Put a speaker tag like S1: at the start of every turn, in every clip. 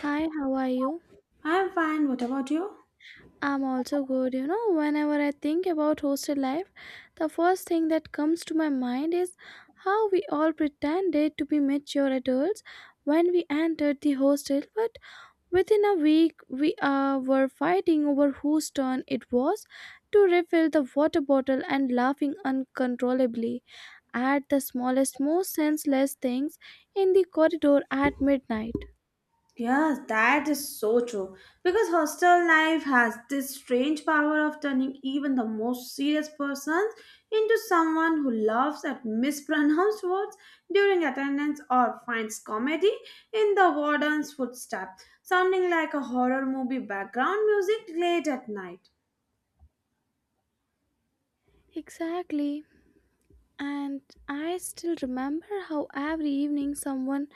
S1: Hi, how are you?
S2: I'm fine. What about you?
S1: I'm also good. You know, whenever I think about hostel life, the first thing that comes to my mind is how we all pretended to be mature adults when we entered the hostel, but within a week we were fighting over whose turn it was to refill the water bottle and laughing uncontrollably at the smallest, most senseless things in the corridor at midnight.
S2: Yes, that is so true. Because hostel life has this strange power of turning even the most serious persons into someone who laughs at mispronounced words during attendance or finds comedy in the warden's footstep, sounding like a horror movie background music late at night.
S1: Exactly. And I still remember how every evening someone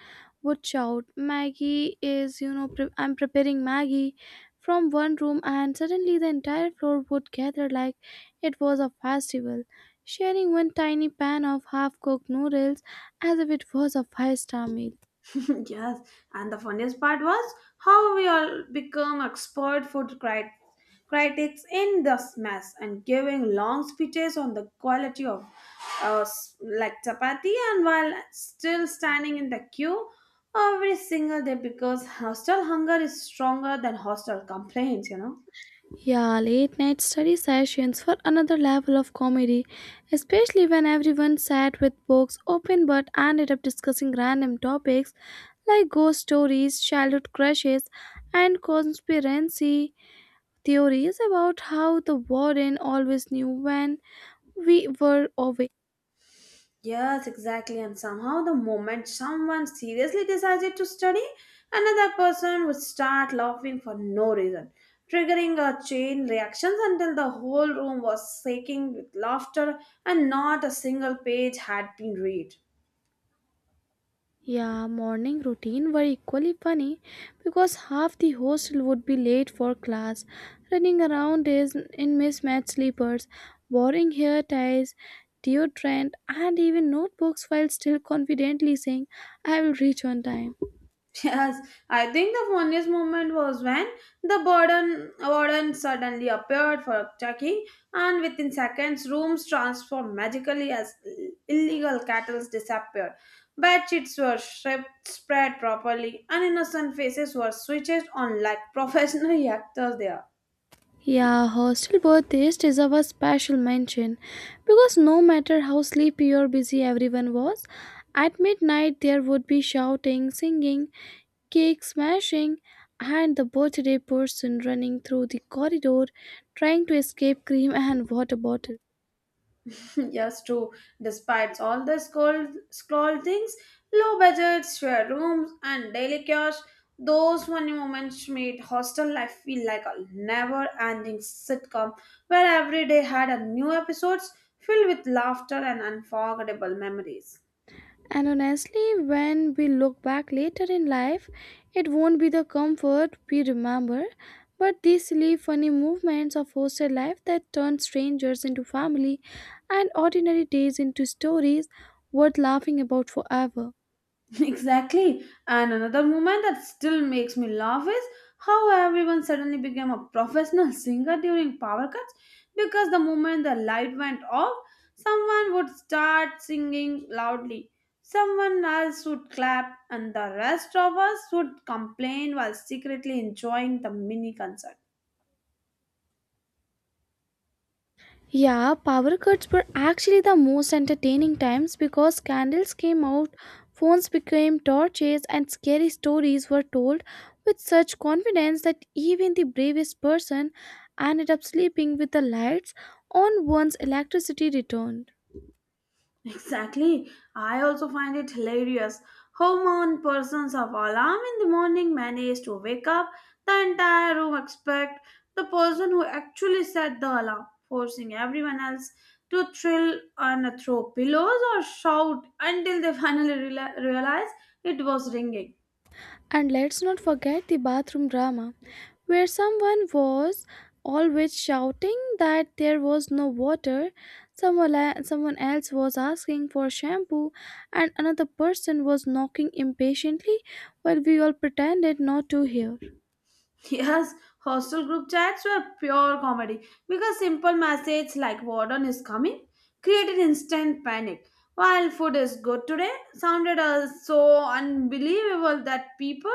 S1: would shout, "Maggie is, you know, I'm preparing Maggie" from one room, and suddenly the entire floor would gather like it was a festival, sharing one tiny pan of half cooked noodles as if it was a five-star meal.
S2: Yes, and the funniest part was how we all become expert critics in this mess and giving long speeches on the quality of like chapati and while still standing in the queue every single day because hostel hunger is stronger than hostel complaints,
S1: Yeah, late night study sessions for another level of comedy, especially when everyone sat with books open but ended up discussing random topics like ghost stories, childhood crushes, and conspiracy theories about how the warden always knew when we were away.
S2: Yes, exactly. And somehow, the moment someone seriously decided to study, another person would start laughing for no reason, triggering a chain reaction until the whole room was shaking with laughter and not a single page had been read.
S1: Yeah, morning routine were equally funny because half the hostel would be late for class, running around is in mismatched sleepers, borrowing hair ties, deodorant, and even notebooks while still confidently saying, "I will reach on time."
S2: Yes, I think the funniest moment was when the warden suddenly appeared for checking, and within seconds, rooms transformed magically as illegal cattle disappeared. Bed sheets were stripped, spread properly, and innocent faces were switched on like professional actors there.
S1: Yeah, hostel birthdays deserve a special mention because no matter how sleepy or busy everyone was, at midnight there would be shouting, singing, cake smashing, and the birthday person running through the corridor trying to escape cream and water bottle.
S2: Yes, true. Despite all the scoldings, low budgets, share rooms, and daily chaos, those funny moments made hostel life feel like a never-ending sitcom where every day had a new episode filled with laughter and unforgettable memories.
S1: And honestly, when we look back later in life, it won't be the comfort we remember, but these silly, funny movements of hostel life that turn strangers into family and ordinary days into stories worth laughing about forever.
S2: Exactly. And another moment that still makes me laugh is how everyone suddenly became a professional singer during power cuts because the moment the light went off, someone would start singing loudly. Someone else would clap, and the rest of us would complain while secretly enjoying the mini concert.
S1: Yeah, power cuts were actually the most entertaining times because candles came out, phones became torches, and scary stories were told with such confidence that even the bravest person ended up sleeping with the lights on once electricity returned.
S2: Exactly. I also find it hilarious how one person's of alarm in the morning managed to wake up the entire room except the person who actually set the alarm, forcing everyone else to thrill and throw pillows or shout until they finally realize it was ringing.
S1: And let's not forget the bathroom drama, where someone was always shouting that there was no water, someone else was asking for shampoo, and another person was knocking impatiently while we all pretended not to hear.
S2: Yes, hostel group chats were pure comedy because simple message like warden is coming created instant panic. While food is good today sounded so unbelievable that people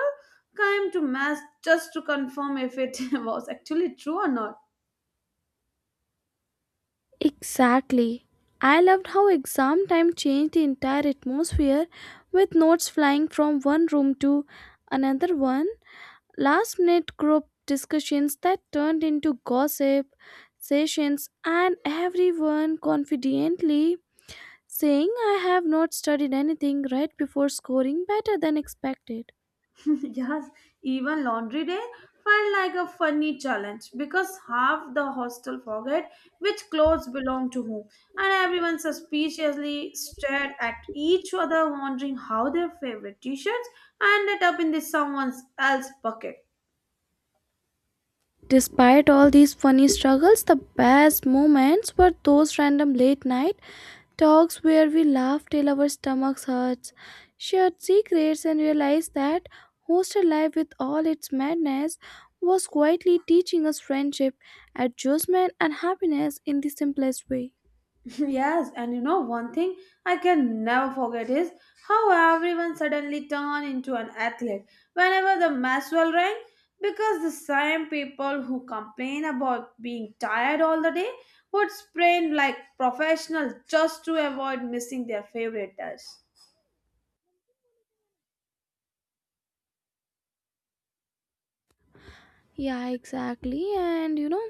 S2: came to mass just to confirm if it was actually true or not.
S1: Exactly. I loved how exam time changed the entire atmosphere with notes flying from one room to another one. Last minute group discussions that turned into gossip sessions, and everyone confidently saying, "I have not studied anything" right before scoring better than expected.
S2: Yes, even laundry day felt like a funny challenge because half the hostel forget which clothes belong to whom, and everyone suspiciously stared at each other, wondering how their favorite t shirts ended up in the someone else's bucket.
S1: Despite all these funny struggles, the best moments were those random late night talks where we laugh till our stomachs hurts, shared secrets, and realized that hostel life, with all its madness, was quietly teaching us friendship, adjustment, and happiness in the simplest way.
S2: Yes, and you know one thing I can never forget is how everyone suddenly turned into an athlete whenever the match bell rang because the same people who complain about being tired all the day would sprain like professionals just to avoid missing their favorite touch.
S1: Yeah, exactly. And you know,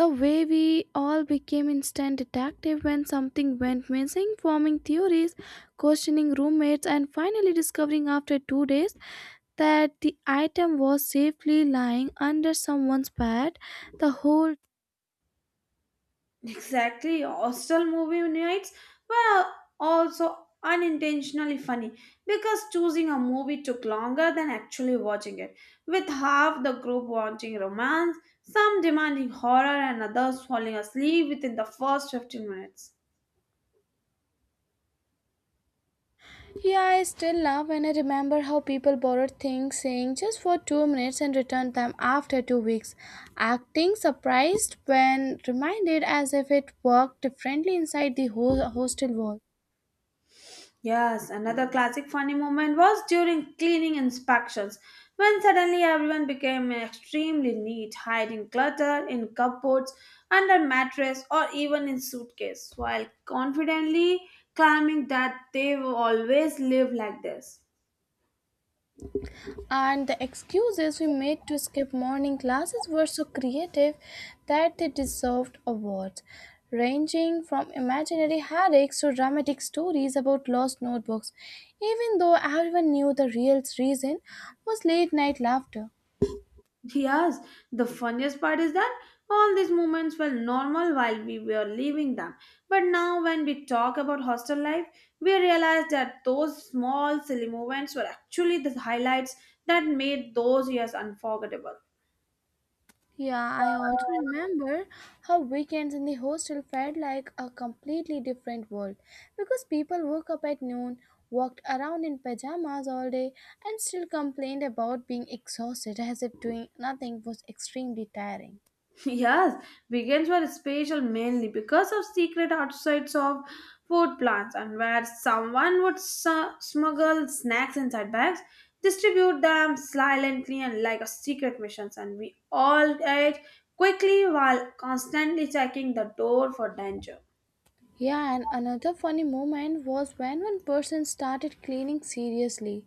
S1: the way we all became instant detective when something went missing, forming theories, questioning roommates, and finally discovering after 2 days that the item was safely lying under someone's bed the whole.
S2: Exactly, hostel movie nights were also unintentionally funny because choosing a movie took longer than actually watching it, with half the group wanting romance, some demanding horror, and others falling asleep within the first 15 minutes.
S1: Yeah, I still laugh when I remember how people borrowed things saying just for 2 minutes and returned them after 2 weeks, acting surprised when reminded as if it worked differently inside the whole hostel wall.
S2: Yes, another classic funny moment was during cleaning inspections when suddenly everyone became extremely neat, hiding clutter in cupboards, under mattress, or even in suitcase, while confidently claiming that they will always live like this.
S1: And the excuses we made to skip morning classes were so creative that they deserved awards, ranging from imaginary headaches to dramatic stories about lost notebooks, even though everyone knew the real reason was late night laughter.
S2: Yes, the funniest part is that all these moments were normal while we were living them. But now, when we talk about hostel life, we realize that those small, silly moments were actually the highlights that made those years unforgettable.
S1: Yeah, I also remember how weekends in the hostel felt like a completely different world because people woke up at noon, walked around in pajamas all day, and still complained about being exhausted as if doing nothing was extremely tiring.
S2: Yes, vegans were special mainly because of secret outsides of food plants and where someone would smuggle snacks inside bags, distribute them silently and like a secret missions and we all ate quickly while constantly checking the door for danger.
S1: Yeah, and another funny moment was when one person started cleaning seriously,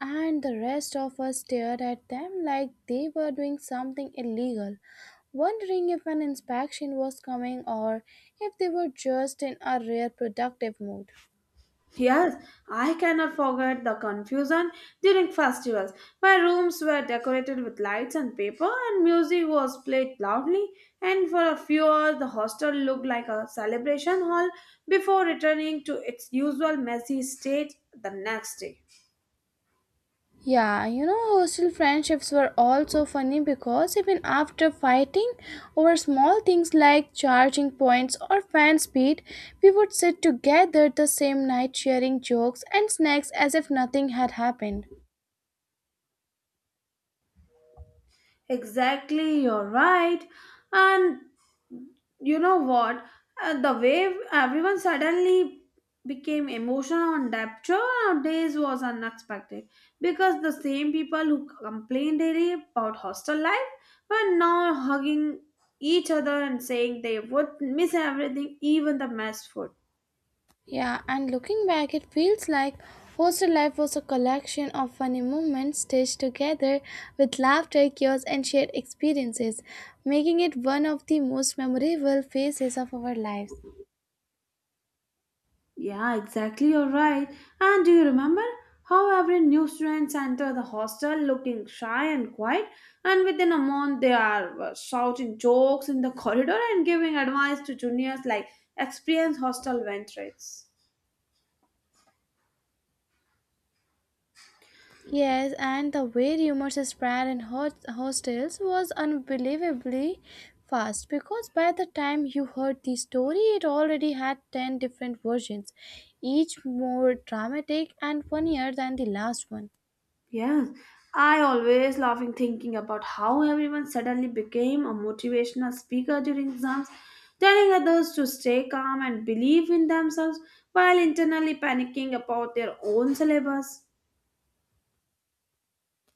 S1: and the rest of us stared at them like they were doing something illegal, wondering if an inspection was coming or if they were just in a rare productive mood.
S2: Yes, I cannot forget the confusion during festivals. My rooms were decorated with lights and paper, and music was played loudly. And for a few hours, the hostel looked like a celebration hall before returning to its usual messy state the next day.
S1: Yeah, you know, hostel friendships were also funny because even after fighting over small things like charging points or fan speed, we would sit together the same night sharing jokes and snacks as if nothing had happened.
S2: Exactly, you're right. And you know what? The way everyone suddenly became emotional on rapture nowadays was unexpected because the same people who complain daily about hostel life were now hugging each other and saying they would miss everything, even the mess food.
S1: Yeah, and looking back, it feels like hostel life was a collection of funny moments stitched together with laughter, chaos, and shared experiences, making it one of the most memorable phases of our lives.
S2: Yeah, exactly. You're right. And do you remember how every new students enter the hostel looking shy and quiet, and within a month they are shouting jokes in the corridor and giving advice to juniors like experienced hostel ventrates.
S1: Yes, and the way rumors spread in hostels was unbelievably fast because by the time you heard the story, it already had 10 different versions, each more dramatic and funnier than the last one.
S2: Yes, I always laughing thinking about how everyone suddenly became a motivational speaker during exams, telling others to stay calm and believe in themselves while internally panicking about their own syllabus.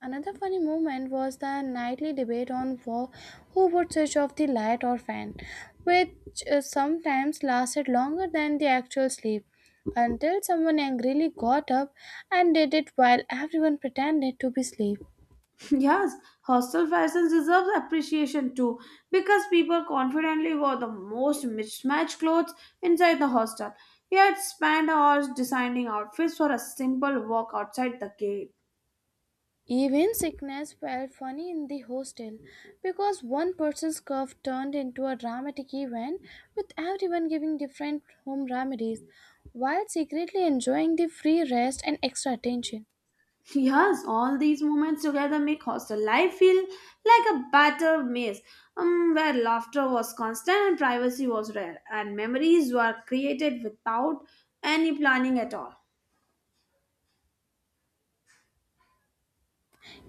S1: Another funny moment was the nightly debate on who would switch off the light or fan, which sometimes lasted longer than the actual sleep, until someone angrily got up and did it while everyone pretended to be asleep.
S2: Yes, hostel fashion deserves appreciation too because people confidently wore the most mismatched clothes inside the hostel, yet spent hours designing outfits for a simple walk outside the gate.
S1: Even sickness felt funny in the hostel because one person's cough turned into a dramatic event with everyone giving different home remedies while secretly enjoying the free rest and extra attention.
S2: Yes, all these moments together make hostel life feel like a battle maze where laughter was constant and privacy was rare, and memories were created without any planning at all.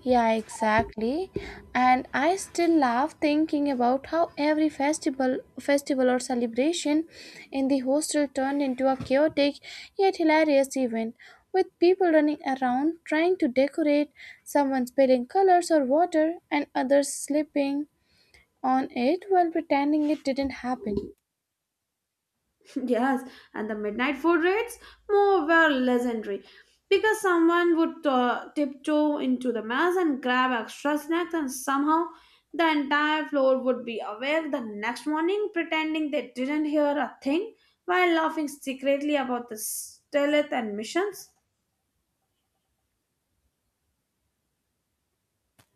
S1: Yeah, exactly. And I still laugh thinking about how every festival or celebration in the hostel turned into a chaotic yet hilarious event with people running around trying to decorate, someone spilling colors or water and others slipping on it while pretending it didn't happen.
S2: Yes, and the midnight food raids more were legendary because someone would tiptoe into the mess and grab extra snacks, and somehow the entire floor would be awake the next morning, pretending they didn't hear a thing while laughing secretly about the stealth and missions.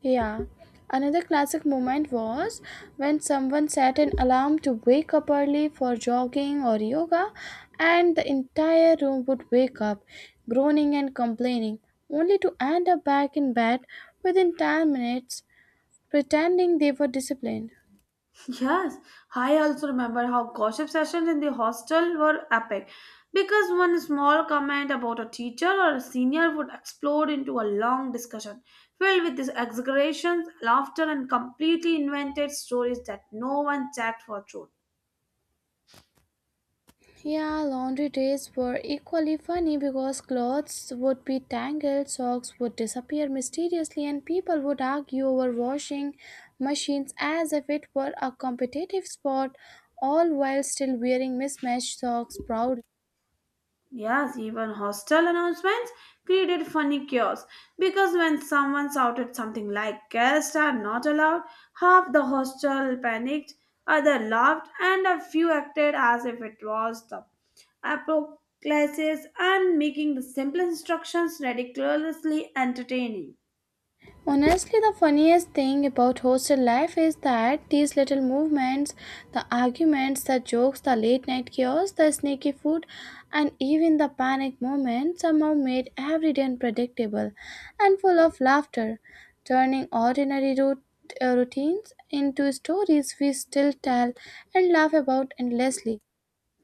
S1: Yeah. Another classic moment was when someone set an alarm to wake up early for jogging or yoga, and the entire room would wake up, groaning and complaining, only to end up back in bed within 10 minutes, pretending they were disciplined.
S2: Yes, I also remember how gossip sessions in the hostel were epic because one small comment about a teacher or a senior would explode into a long discussion filled with these exaggerations, laughter, and completely invented stories that no one checked for truth.
S1: Yeah, laundry days were equally funny because clothes would be tangled, socks would disappear mysteriously, and people would argue over washing machines as if it were a competitive sport, all while still wearing mismatched socks proudly.
S2: Yes, even hostel announcements created funny chaos because when someone shouted something like guests are not allowed, half the hostel panicked, other laughed, and a few acted as if it was the apocryphal classes and making the simple instructions ridiculously entertaining.
S1: Honestly, the funniest thing about hostel life is that these little movements, the arguments, the jokes, the late night chaos, the sneaky food, and even the panic moments somehow made every day unpredictable and full of laughter, turning ordinary routines into stories we still tell and laugh about endlessly.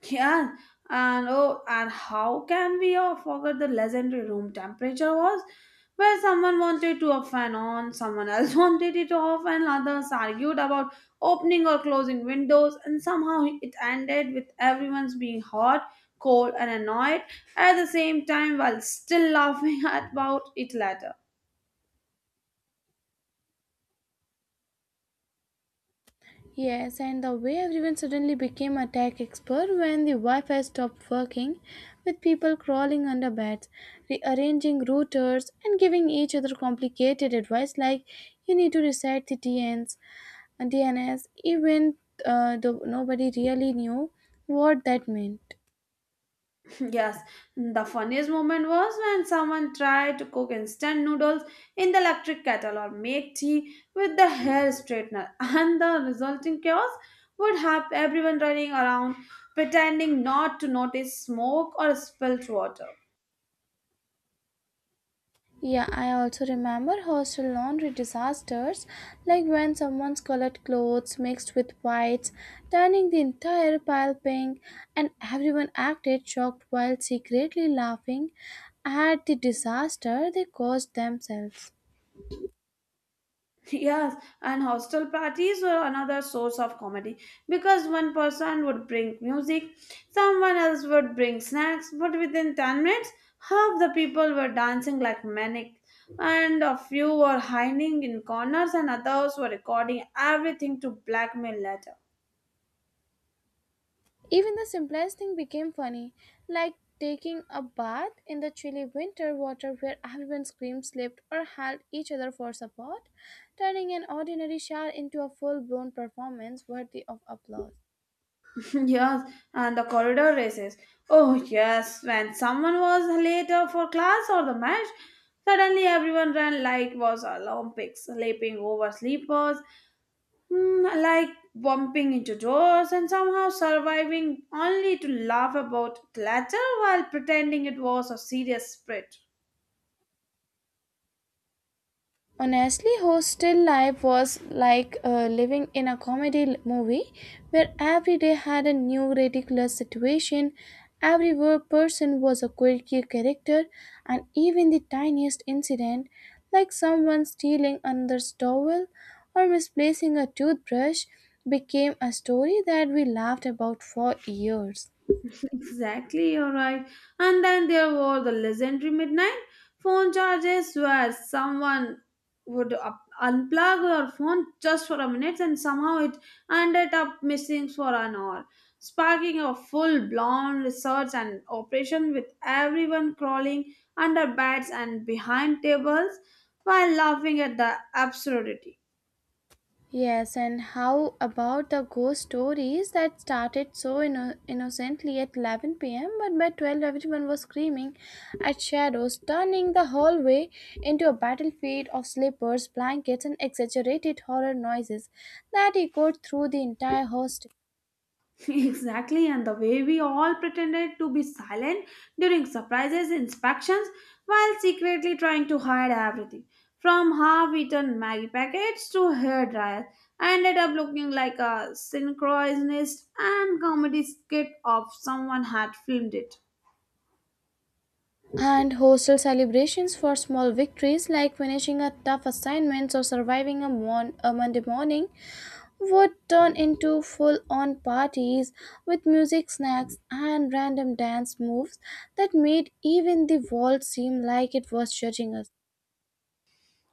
S2: Yeah, and oh, and how can we all forget the legendary room temperature was? Where someone wanted to off and on, someone else wanted it off, and others argued about opening or closing windows, and somehow it ended with everyone's being hot, cold, and annoyed at the same time while still laughing about it later.
S1: Yes, and the way everyone suddenly became a tech expert when the Wi Fi stopped working, with people crawling under beds, rearranging routers, and giving each other complicated advice like, "You need to reset the DNS, DNS even uh, though nobody really knew what that meant.
S2: Yes, the funniest moment was when someone tried to cook instant noodles in the electric kettle or make tea with the hair straightener, and the resulting chaos would have everyone running around pretending not to notice smoke or spilt water.
S1: Yeah, I also remember hostel laundry disasters, like when someone's colored clothes mixed with whites, turning the entire pile pink, and everyone acted shocked while secretly laughing at the disaster they caused themselves.
S2: Yes, and hostel parties were another source of comedy because one person would bring music, someone else would bring snacks, but within 10 minutes, half the people were dancing like maniacs, and a few were hiding in corners, and others were recording everything to blackmail later.
S1: Even the simplest thing became funny, like taking a bath in the chilly winter water where everyone screamed, slipped, or held each other for support, turning an ordinary shower into a full blown performance worthy of applause.
S2: Yes, and the corridor races. Oh, yes, when someone was later for class or the match, suddenly everyone ran like it was Olympics, leaping over sleepers like bumping into doors and somehow surviving only to laugh about the clatter while pretending it was a serious spread.
S1: Honestly, hostel life was like living in a comedy movie where every day had a new ridiculous situation, every person was a quirky character, and even the tiniest incident, like someone stealing another's towel or misplacing a toothbrush, became a story that we laughed about for years.
S2: Exactly, you're right. And then there were the legendary midnight phone charges where someone would unplug your phone just for a minute and somehow it ended up missing for an hour, sparking a full blown research and operation with everyone crawling under beds and behind tables while laughing at the absurdity.
S1: Yes, and how about the ghost stories that started so innocently at 11 p.m., but by 12 everyone was screaming at shadows, turning the hallway into a battlefield of slippers, blankets, and exaggerated horror noises that echoed through the entire hostel.
S2: Exactly, and the way we all pretended to be silent during surprises, inspections, while secretly trying to hide everything. From half-eaten Maggie packets to hair dryers, I ended up looking like a synchronized and comedy skit of someone had filmed it.
S1: And hostel celebrations for small victories like finishing a tough assignment or surviving a, a Monday morning would turn into full on parties with music, snacks, and random dance moves that made even the world seem like it was judging us.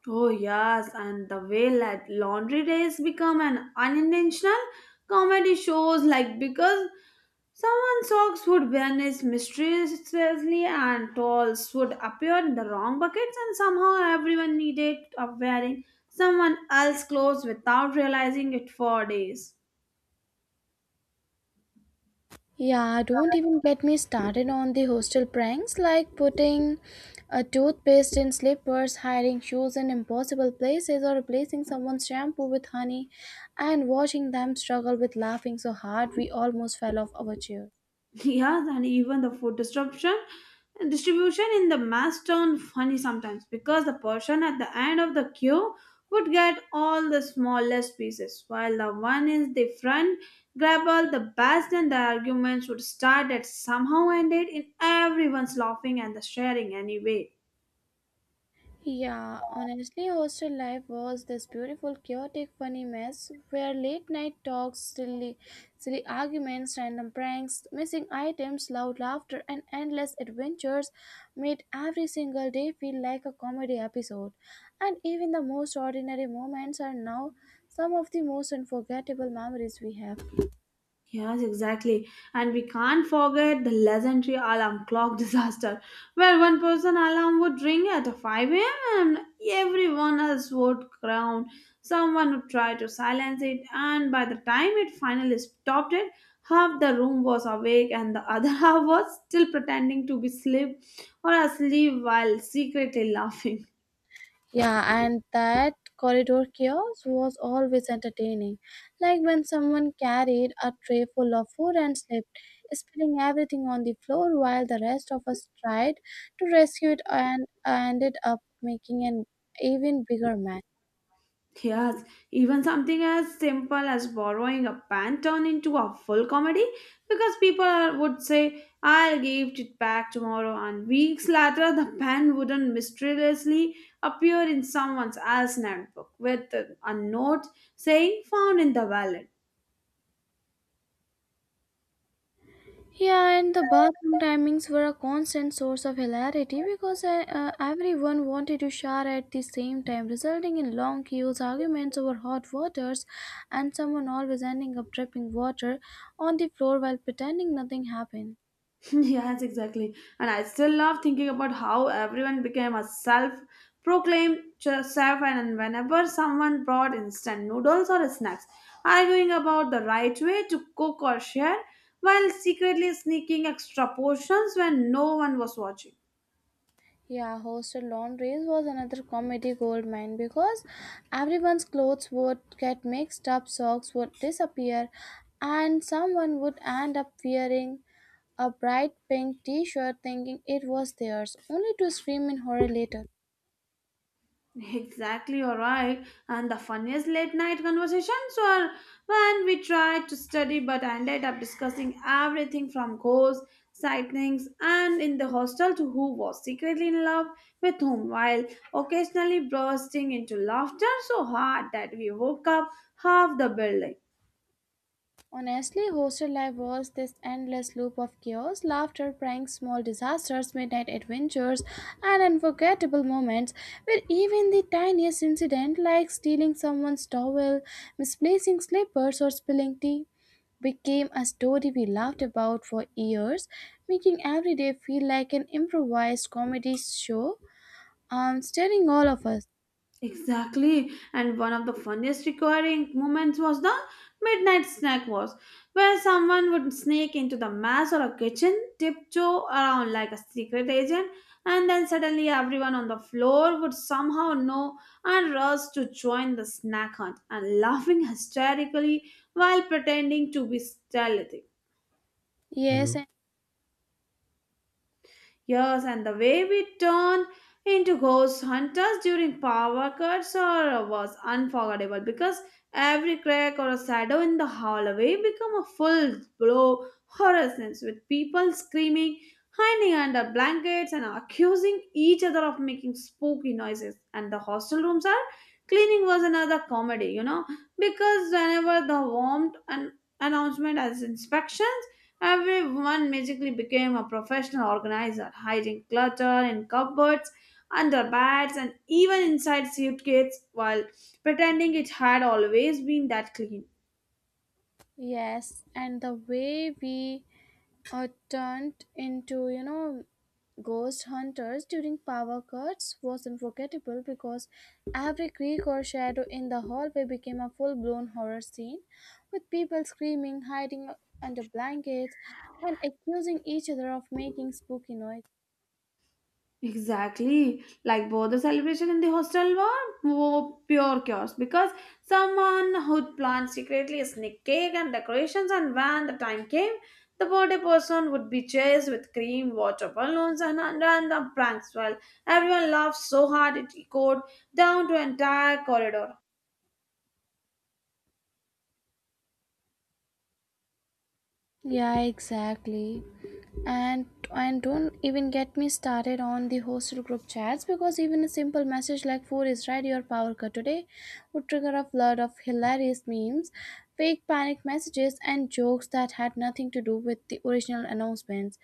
S2: Oh, yes, and the way that laundry days become an unintentional comedy shows, like because someone's socks would vanish mysteriously and towels would appear in the wrong buckets, and somehow everyone needed of wearing someone else's clothes without realizing it for days.
S1: Yeah, don't even get me started on the hostel pranks like putting a toothpaste in slippers, hiding shoes in impossible places, or replacing someone's shampoo with honey and watching them struggle with laughing so hard we almost fell off our chair.
S2: Yes, and even the food disruption distribution in the mass turned funny sometimes because the person at the end of the queue would get all the smallest pieces, while the one in the front grab all the best, and the arguments would start and somehow ended in everyone's laughing and the sharing anyway.
S1: Yeah, honestly, hostel life was this beautiful, chaotic, funny mess where late night talks, silly arguments, random pranks, missing items, loud laughter, and endless adventures made every single day feel like a comedy episode. And even the most ordinary moments are now some of the most unforgettable memories we have.
S2: Yes, exactly. And we can't forget the legendary alarm clock disaster, where one person alarm would ring at 5 a.m. and everyone else would crown. Someone would try to silence it, and by the time it finally stopped it, half the room was awake and the other half was still pretending to be asleep or asleep while secretly laughing.
S1: Yeah, and that corridor chaos was always entertaining. Like when someone carried a tray full of food and slipped, spilling everything on the floor while the rest of us tried to rescue it and ended up making an even bigger mess.
S2: Yes, even something as simple as borrowing a pen turned into a full comedy because would say, I'll give it back tomorrow, and weeks later, the pen wouldn't mysteriously appear in someone else's notebook with a note saying, found in the wallet.
S1: Yeah, and the bathroom timings were a constant source of hilarity because everyone wanted to shower at the same time, resulting in long queues, arguments over hot waters, and someone always ending up dripping water on the floor while pretending nothing happened.
S2: Yes, exactly. And I still love thinking about how everyone became a self proclaimed chef, and whenever someone brought instant noodles or snacks, arguing about the right way to cook or share, while secretly sneaking extra portions when no one was watching.
S1: Yeah, hostel laundries was another comedy goldmine because everyone's clothes would get mixed up, socks would disappear, and someone would end up wearing a bright pink t-shirt thinking it was theirs, only to scream in horror later.
S2: Exactly, all right. And the funniest late night conversations were when we tried to study but ended up discussing everything from ghosts, sightings, and in the hostel to who was secretly in love with whom, while occasionally bursting into laughter so hard that we woke up half the building.
S1: Honestly, hostel life was this endless loop of chaos, laughter, pranks, small disasters, midnight adventures, and unforgettable moments where even the tiniest incident like stealing someone's towel, misplacing slippers, or spilling tea became a story we laughed about for years, making every day feel like an improvised comedy show staring all of us.
S2: Exactly. And one of the funniest recurring moments was the midnight snack wars, where someone would sneak into the mess or a kitchen, tiptoe around like a secret agent, and then suddenly everyone on the floor would somehow know and rush to join the snack hunt and laughing hysterically while pretending to be stealthy.
S1: Yes. Mhm.
S2: Yes, and the way we turned into ghost hunters during power cuts or was unforgettable because every crack or a shadow in the hallway became a full blow horror sense with people screaming, hiding under blankets and accusing each other of making spooky noises. And the hostel rooms are cleaning was another comedy, you know, because whenever the warmth an announcement as inspections everyone magically became a professional organizer, hiding clutter in cupboards, under beds, and even inside suitcases while pretending it had always been that clean.
S1: Yes, and the way we are turned into, ghost hunters during power cuts was unforgettable because every creak or shadow in the hallway became a full blown horror scene with people screaming, hiding under blankets, and accusing each other of making spooky noise.
S2: Exactly. Like both the celebration in the hostel were more pure chaos because someone who'd planned secretly a sneak cake and decorations, and when the time came, the birthday person would be chased with cream, water balloons, and random pranks. Well, everyone laughed so hard it echoed down to entire corridor.
S1: Yeah, exactly. and and don't even get me started on the hostel group chats because even a simple message like food is ready or power cut today would trigger a flood of hilarious memes, fake panic messages, and jokes that had nothing to do with the original announcements.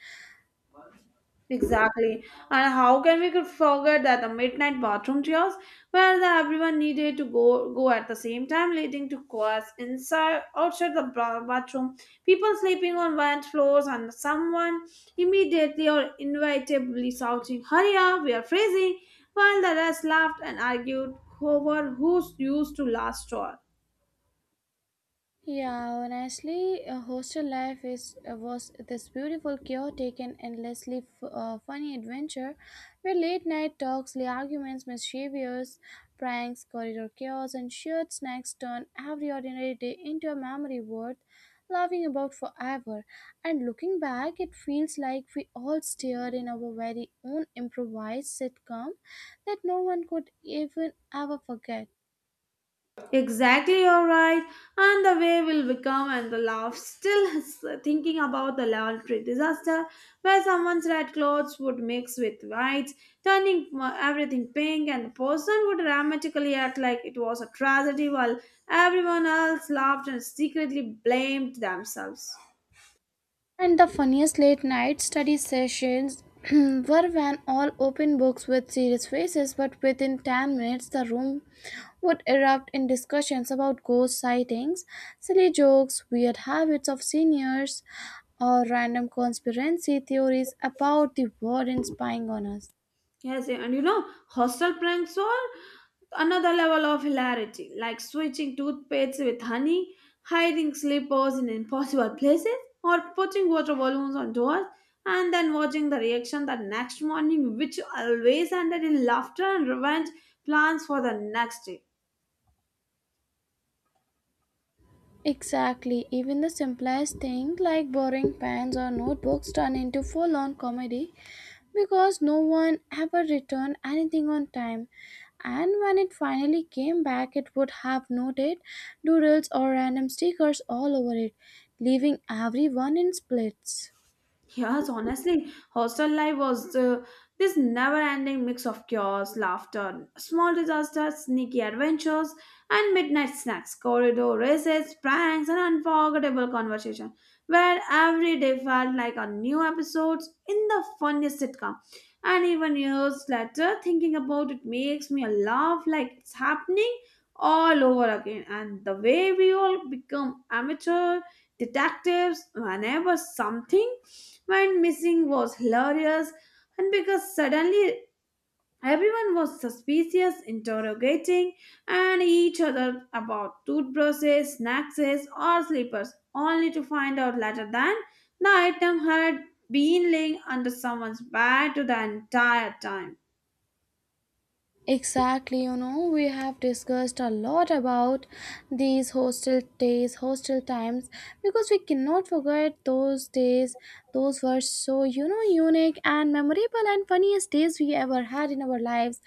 S2: Exactly. And how can we could forget that the midnight bathroom tears where the everyone needed to go at the same time leading to chaos inside outside the bathroom, people sleeping on wet floors and someone immediately or inevitably shouting, hurry up, we are freezing while the rest laughed and argued over who used to last straw.
S1: Yeah, honestly, hostel life is was this beautiful, chaotic, and endlessly funny adventure, where late night talks, the arguments, mischievous pranks, corridor chaos, and shared snacks turn every ordinary day into a memory worth laughing about forever. And looking back, it feels like we all stared in our very own improvised sitcom that no one could even ever forget.
S2: Exactly, all right. And the way will become and the laugh. Still thinking about the laundry disaster where someone's red clothes would mix with whites, turning everything pink, and the person would dramatically act like it was a tragedy while everyone else laughed and secretly blamed themselves.
S1: And the funniest late night study sessions were when all open books with serious faces, but within 10 minutes the room would erupt in discussions about ghost sightings, silly jokes, weird habits of seniors, or random conspiracy theories about the warden spying on us.
S2: Yes, and you know, hostel pranks are another level of hilarity, like switching toothpaste with honey, hiding slippers in impossible places, or putting water balloons on doors, and then watching the reaction the next morning, which always ended in laughter and revenge plans for the next day.
S1: Exactly, even the simplest thing like borrowing pens or notebooks turn into full on comedy because no one ever returned anything on time. And when it finally came back, it would have noted doodles or random stickers all over it, leaving everyone in splits.
S2: Yes, honestly, hostel life was this never ending mix of chaos, laughter, small disasters, sneaky adventures, and midnight snacks, corridor races, pranks, and unforgettable conversation, where every day felt like a new episode in the funniest sitcom. And even years later, thinking about it makes me laugh like it's happening all over again. And the way we all become amateur detectives whenever something when missing was hilarious, and because suddenly everyone was suspicious, interrogating and each other about toothbrushes, snacks, or slippers, only to find out later that the item had been laying under someone's bed to the entire time.
S1: Exactly, you know, we have discussed a lot about these hostel days, hostel times, because we cannot forget those days. Those were so, you know, unique and memorable and funniest days we ever had in our lives.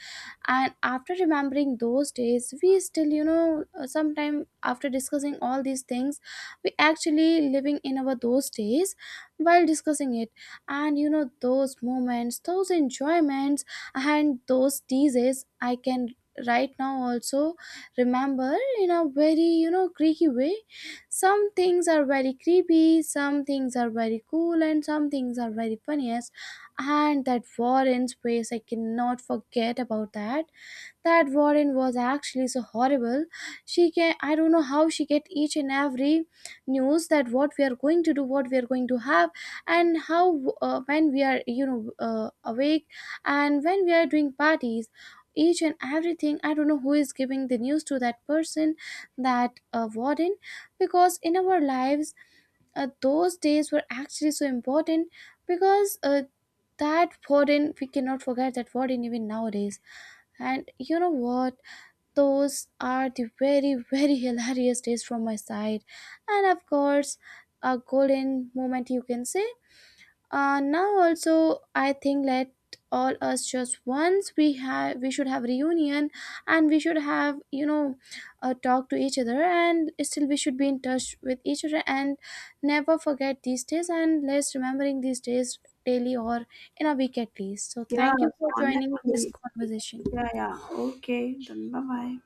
S1: And after remembering those days, we still, sometime after discussing all these things, we actually living in our those days while discussing it. And, you know, those moments, those enjoyments and those teases, I can right now also remember in a very, you know, creaky way. Some things are very creepy, some things are very cool, and some things are very funniest. And that war in space, I cannot forget about that. That Warren was actually so horrible. She can, I don't know how she get each and every news that what we are going to do, what we are going to have, and how, when we are, awake, and when we are doing parties. Each and everything, I don't know who is giving the news to that person, that, warden, because in our lives, those days were actually so important because, that warden, we cannot forget that warden even nowadays. And you know what? Those are the very hilarious days from my side, and of course a golden moment you can say. Now also I think, let all us, just once we have we should have reunion, and we should have, talk to each other, and still we should be in touch with each other and never forget these days, and let's remembering these days daily or in a week at least. So thank you
S2: Yes,
S1: for joining this
S2: honestly. Yeah,
S1: conversation.
S2: yeah. Okay, then bye bye.